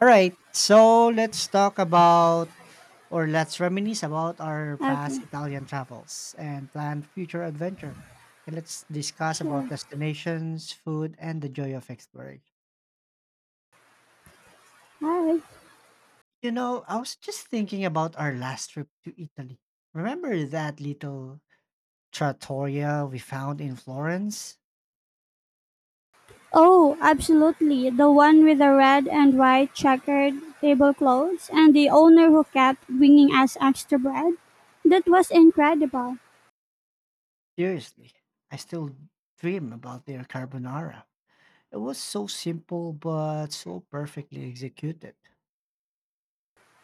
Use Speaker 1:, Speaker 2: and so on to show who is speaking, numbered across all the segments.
Speaker 1: All right, so let's talk about or let's reminisce about our past
Speaker 2: Okay,
Speaker 1: Italian travels and plan future adventure. And let's discuss about
Speaker 2: sure.
Speaker 1: destinations, food, and the joy of exploring.
Speaker 2: All right.
Speaker 1: You know, I was just thinking about our last trip to Italy. Remember that little trattoria we found in Florence?
Speaker 2: Oh, absolutely. The one with the red and white checkered tablecloths and the owner who kept bringing us extra bread. That was incredible.
Speaker 1: Seriously, I still dream about their carbonara. It was so simple but so perfectly executed.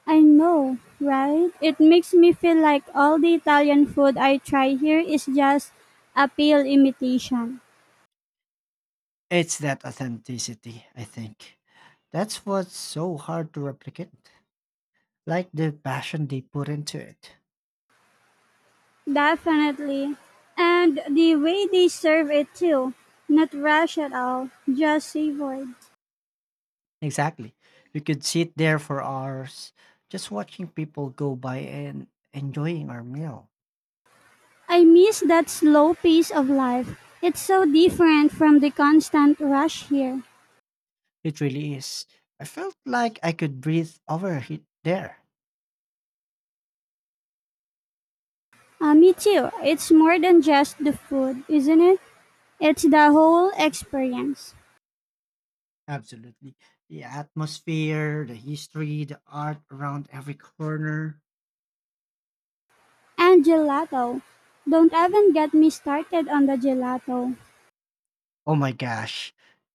Speaker 2: I know, right? It makes me feel like all the Italian food I try here is just a pale imitation.
Speaker 1: It's that authenticity, I think. That's what's so hard to replicate. Like the passion they put into it.
Speaker 2: Definitely. And the way they serve it too, not rushed at all, just savory.
Speaker 1: Exactly. We could sit there for hours just watching people go by and enjoying our meal.
Speaker 2: I miss that slow pace of life. It's so different from the constant rush here.
Speaker 1: It really is. I felt like I could breathe over it there.
Speaker 2: Me too. It's more than just the food, isn't it? It's the whole experience.
Speaker 1: Absolutely. The atmosphere, the history, the art around every corner.
Speaker 2: And gelato. Don't even get me started on the gelato.
Speaker 1: Oh my gosh,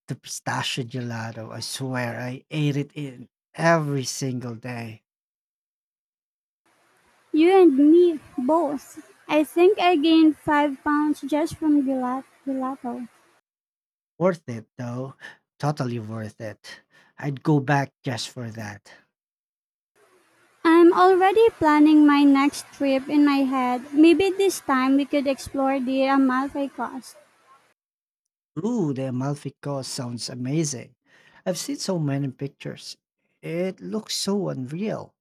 Speaker 1: the pistachio gelato. I swear I ate it in every single day.
Speaker 2: You and me both. I think I gained 5 pounds just from gelato.
Speaker 1: Worth it though. Totally worth it. I'd go back just for that.
Speaker 2: I'm already planning my next trip in my head. Maybe this time we could explore the Amalfi Coast.
Speaker 1: Ooh, the Amalfi Coast sounds amazing. I've seen so many pictures. It looks so unreal.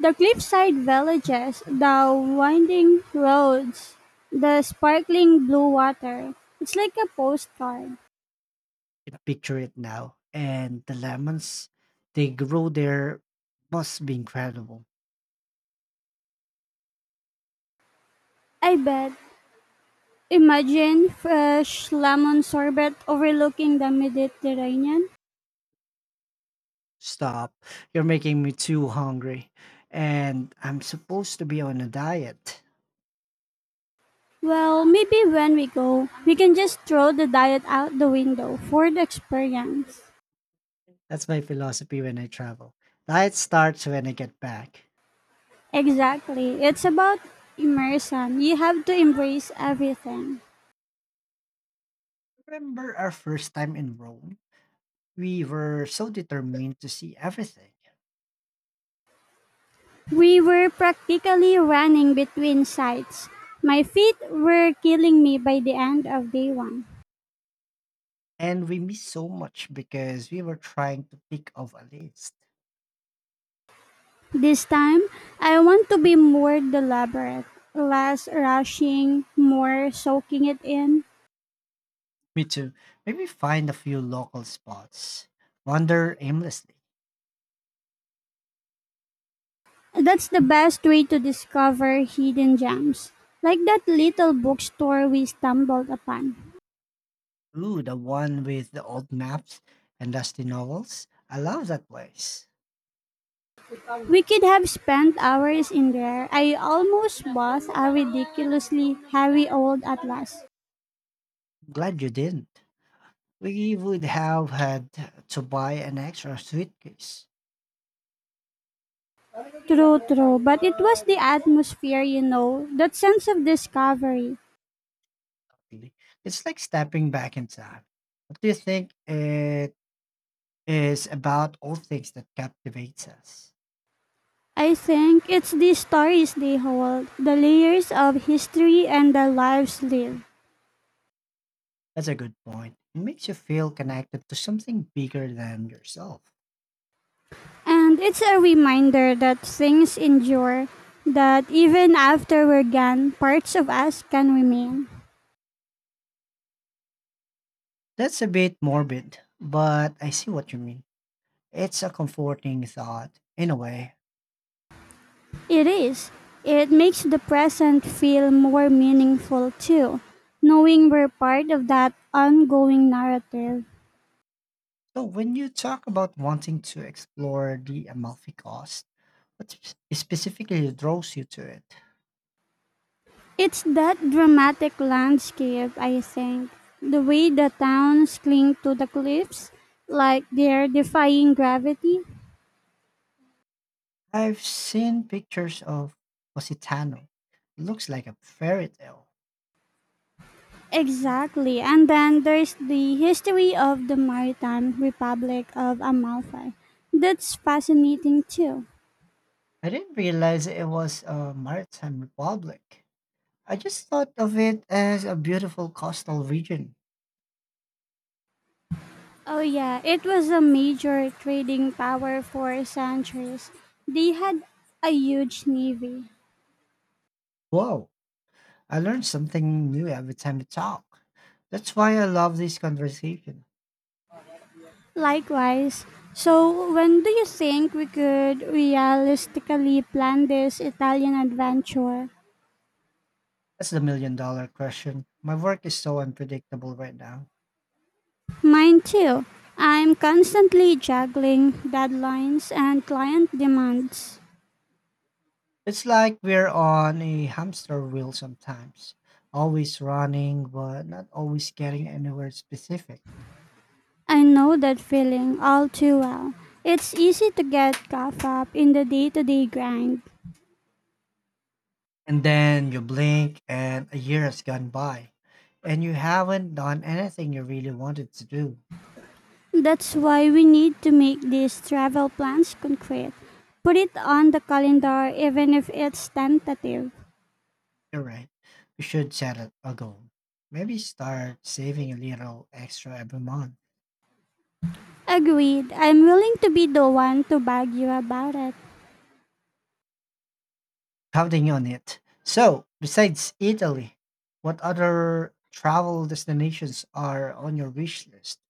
Speaker 2: The cliffside villages, the winding roads, the sparkling blue water. It's like a postcard.
Speaker 1: I picture it now. And the lemons, they grow there must be incredible.
Speaker 2: I bet. Imagine fresh lemon sorbet overlooking the Mediterranean.
Speaker 1: Stop. You're making me too hungry. And I'm supposed to be on a diet.
Speaker 2: Well, maybe when we go, we can just throw the diet out the window for the experience.
Speaker 1: That's my philosophy when I travel. Diet starts when I get back.
Speaker 2: Exactly. It's about immersion. You have to embrace everything.
Speaker 1: Remember our first time in Rome? We were so determined to see everything.
Speaker 2: We were practically running between sites. My feet were killing me by the end of day one.
Speaker 1: And we missed so much because we were trying to pick off a list.
Speaker 2: This time, I want to be more deliberate, less rushing, more soaking it in.
Speaker 1: Me too. Maybe find a few local spots. Wander aimlessly.
Speaker 2: That's the best way to discover hidden gems, like that little bookstore we stumbled upon.
Speaker 1: Ooh, the one with the old maps and dusty novels. I love that place.
Speaker 2: We could have spent hours in there. I almost bought a ridiculously heavy old atlas.
Speaker 1: Glad you didn't. We would have had to buy an extra suitcase.
Speaker 2: True, true. But it was the atmosphere, you know, that sense of discovery.
Speaker 1: Really. It's like stepping back in time. What do you think it is about all things that captivates us?
Speaker 2: I think it's the stories they hold, the layers of history and the lives lived.
Speaker 1: That's a good point. It makes you feel connected to something bigger than yourself.
Speaker 2: And it's a reminder that things endure, that even after we're gone, parts of us can remain.
Speaker 1: That's a bit morbid, but I see what you mean. It's a comforting thought, in a way.
Speaker 2: It is. It makes the present feel more meaningful too, knowing we're part of that ongoing narrative.
Speaker 1: So, when you talk about wanting to explore the Amalfi Coast, what specifically draws you to it?
Speaker 2: It's that dramatic landscape, I think. The way the towns cling to the cliffs, like they're defying gravity.
Speaker 1: I've seen pictures of Positano. It looks like a fairy tale.
Speaker 2: Exactly. And then there's the history of the Maritime Republic of Amalfi. That's fascinating too.
Speaker 1: I didn't realize it was a maritime republic. I just thought of it as a beautiful coastal region.
Speaker 2: Oh, yeah, it was a major trading power for centuries. They had a huge navy.
Speaker 1: Whoa, I learned something new every time we talk. That's why I love this conversation.
Speaker 2: Likewise, so when do you think we could realistically plan this Italian adventure?
Speaker 1: That's the million dollar question. My work is so unpredictable right now.
Speaker 2: Mine too. I'm constantly juggling deadlines and client demands.
Speaker 1: It's like we're on a hamster wheel sometimes, always running, but not always getting anywhere specific.
Speaker 2: I know that feeling all too well. It's easy to get caught up in the day to day grind.
Speaker 1: And then you blink, and a year has gone by, and you haven't done anything you really wanted to do.
Speaker 2: That's why we need to make these travel plans concrete. Put it on the calendar even if it's tentative.
Speaker 1: You're right. You should set a goal. Maybe start saving a little extra every month,
Speaker 2: Agreed. I'm willing to be the one to bug you about it.
Speaker 1: counting on it. So, besides Italy, what other travel destinations are on your wish list?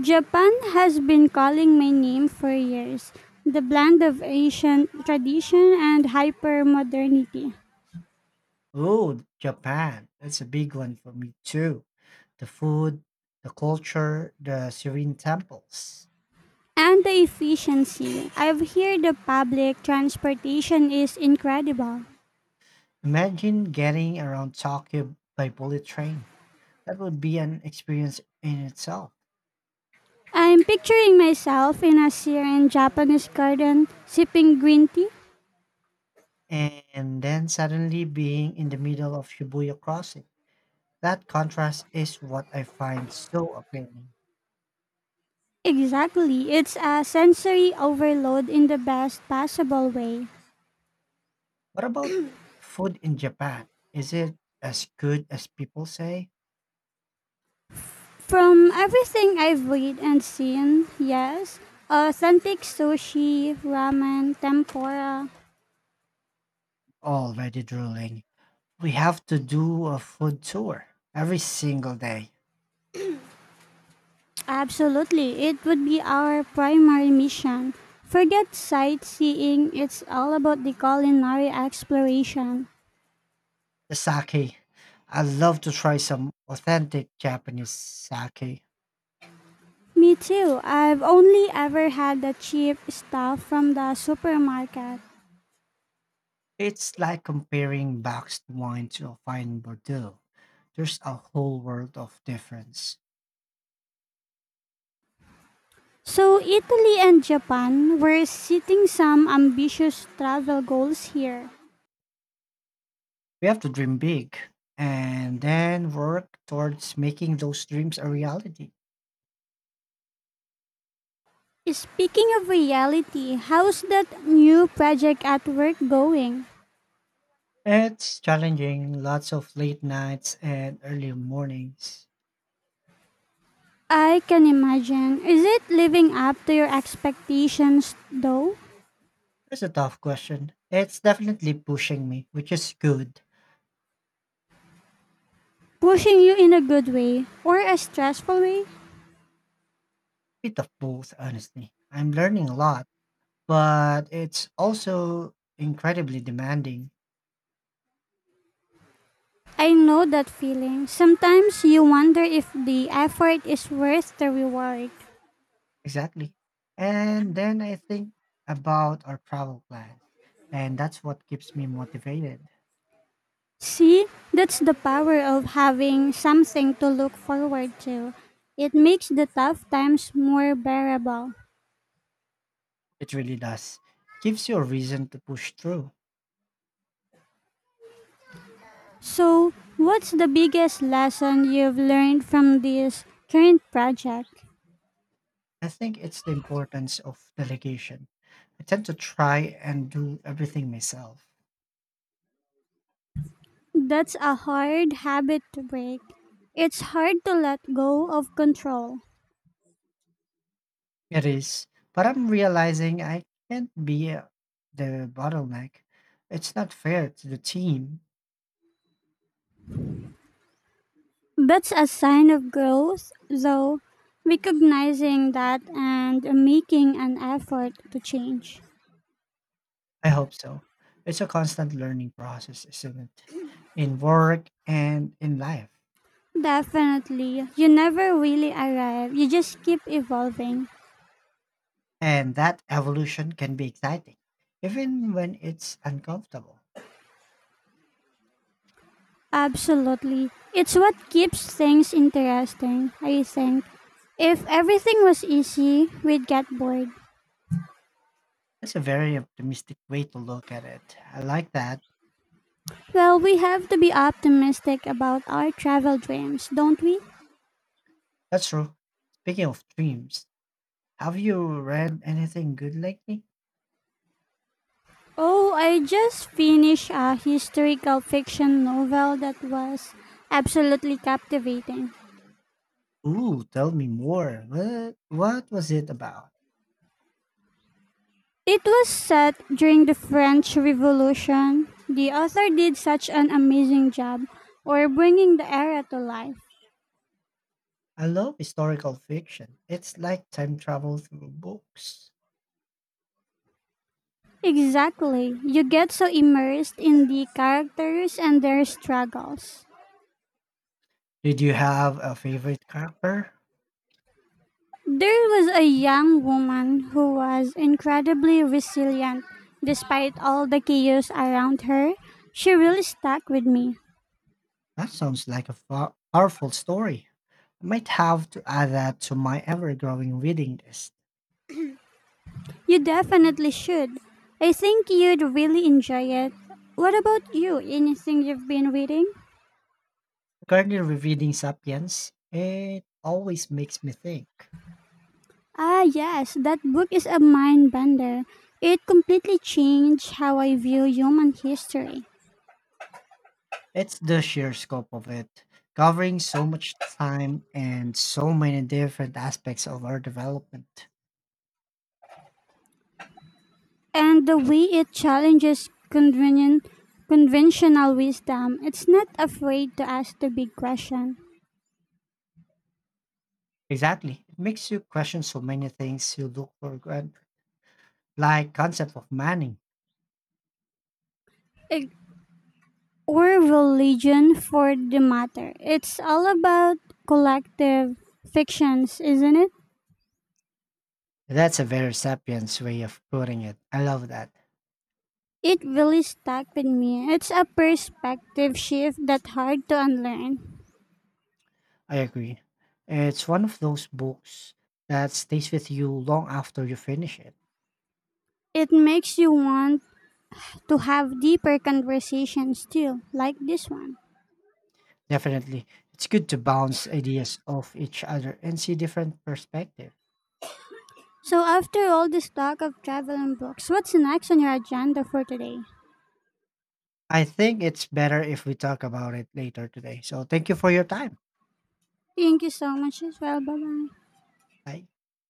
Speaker 2: Japan has been calling my name for years. The blend of Asian tradition and hyper modernity.
Speaker 1: Oh, Japan. That's a big one for me too. The food, the culture, the serene temples.
Speaker 2: And the efficiency. I've heard the public transportation is incredible.
Speaker 1: Imagine getting around Tokyo by bullet train. That would be an experience in itself.
Speaker 2: I'm picturing myself in a serene Japanese garden sipping green tea.
Speaker 1: And then suddenly being in the middle of Shibuya crossing. That contrast is what I find so appealing.
Speaker 2: Exactly. It's a sensory overload in the best possible way.
Speaker 1: What about food in Japan? Is it as good as people say?
Speaker 2: From everything I've read and seen, yes. Authentic sushi, ramen, tempura.
Speaker 1: Already drooling. We have to do a food tour every single day.
Speaker 2: Absolutely. It would be our primary mission. Forget sightseeing, it's all about the culinary exploration.
Speaker 1: The sake. I love to try some authentic Japanese sake.
Speaker 2: Me too. I've only ever had the cheap stuff from the supermarket.
Speaker 1: It's like comparing boxed wine to a fine Bordeaux. There's a whole world of difference.
Speaker 2: So, Italy and Japan, we're setting some ambitious travel goals here.
Speaker 1: We have to dream big and then work towards making those dreams a reality.
Speaker 2: Speaking of reality, how's that new project at work going?
Speaker 1: It's challenging, lots of late nights and early mornings.
Speaker 2: I can imagine. Is it living up to your expectations though?
Speaker 1: It's a tough question. It's definitely pushing me, which is good.
Speaker 2: Pushing you in a good way or a stressful way?
Speaker 1: Bit of both, honestly. I'm learning a lot, but it's also incredibly demanding.
Speaker 2: I know that feeling. Sometimes you wonder if the effort is worth the reward.
Speaker 1: Exactly. And then I think about our travel plans, and that's what keeps me motivated.
Speaker 2: See, that's the power of having something to look forward to. It makes the tough times more bearable.
Speaker 1: It really does. Gives you a reason to push through.
Speaker 2: So, what's the biggest lesson you've learned from this current project?
Speaker 1: I think it's the importance of delegation. I tend to try and do everything myself.
Speaker 2: That's a hard habit to break. It's hard to let go of control.
Speaker 1: It is, but I'm realizing I can't be the bottleneck. It's not fair to the team.
Speaker 2: That's a sign of growth, though, recognizing that and making an effort to change.
Speaker 1: I hope so. It's a constant learning process, isn't it? In work and in life.
Speaker 2: Definitely. You never really arrive, you just keep evolving.
Speaker 1: And that evolution can be exciting, even when it's uncomfortable.
Speaker 2: Absolutely. It's what keeps things interesting, I think. If everything was easy, we'd get bored.
Speaker 1: That's a very optimistic way to look at it. I like that.
Speaker 2: Well, we have to be optimistic about our travel dreams, don't we?
Speaker 1: That's true. Speaking of dreams, have you read anything good lately?
Speaker 2: Oh, I just finished a historical fiction novel that was absolutely captivating.
Speaker 1: Ooh, tell me more. What was it about?
Speaker 2: It was set during the French Revolution. The author did such an amazing job or bringing the era to life.
Speaker 1: I love historical fiction. It's like time travel through books.
Speaker 2: Exactly. You get so immersed in the characters and their struggles.
Speaker 1: Did you have a favorite character?
Speaker 2: There was a young woman who was incredibly resilient despite all the chaos around her. She really stuck with me.
Speaker 1: That sounds like a powerful story. I might have to add that to my ever growing reading list.
Speaker 2: You definitely should. I think you'd really enjoy it. What about you? Anything you've been reading?
Speaker 1: Currently rereading Sapiens, it always makes me think.
Speaker 2: Ah, yes, that book is a mind bender. It completely changed how I view human history.
Speaker 1: It's the sheer scope of it, covering so much time and so many different aspects of our development.
Speaker 2: And the way it challenges convenient, conventional wisdom, it's not afraid to ask the big question.
Speaker 1: Exactly. It makes you question so many things you look for granted, like concept of manning.
Speaker 2: It, or religion for the matter. It's all about collective fictions, isn't it?
Speaker 1: That's a very sapiens way of putting it. I love that.
Speaker 2: It really stuck with me. It's a perspective shift that's hard to unlearn.
Speaker 1: I agree. It's one of those books that stays with you long after you finish it.
Speaker 2: It makes you want to have deeper conversations too, like this one.
Speaker 1: Definitely. It's good to bounce ideas off each other and see different perspective.
Speaker 2: So, after all this talk of travel and books, what's next on your agenda for today?
Speaker 1: I think it's better if we talk about it later today. So thank you for your time.
Speaker 2: Thank you so much as well. Bye bye.
Speaker 1: Bye.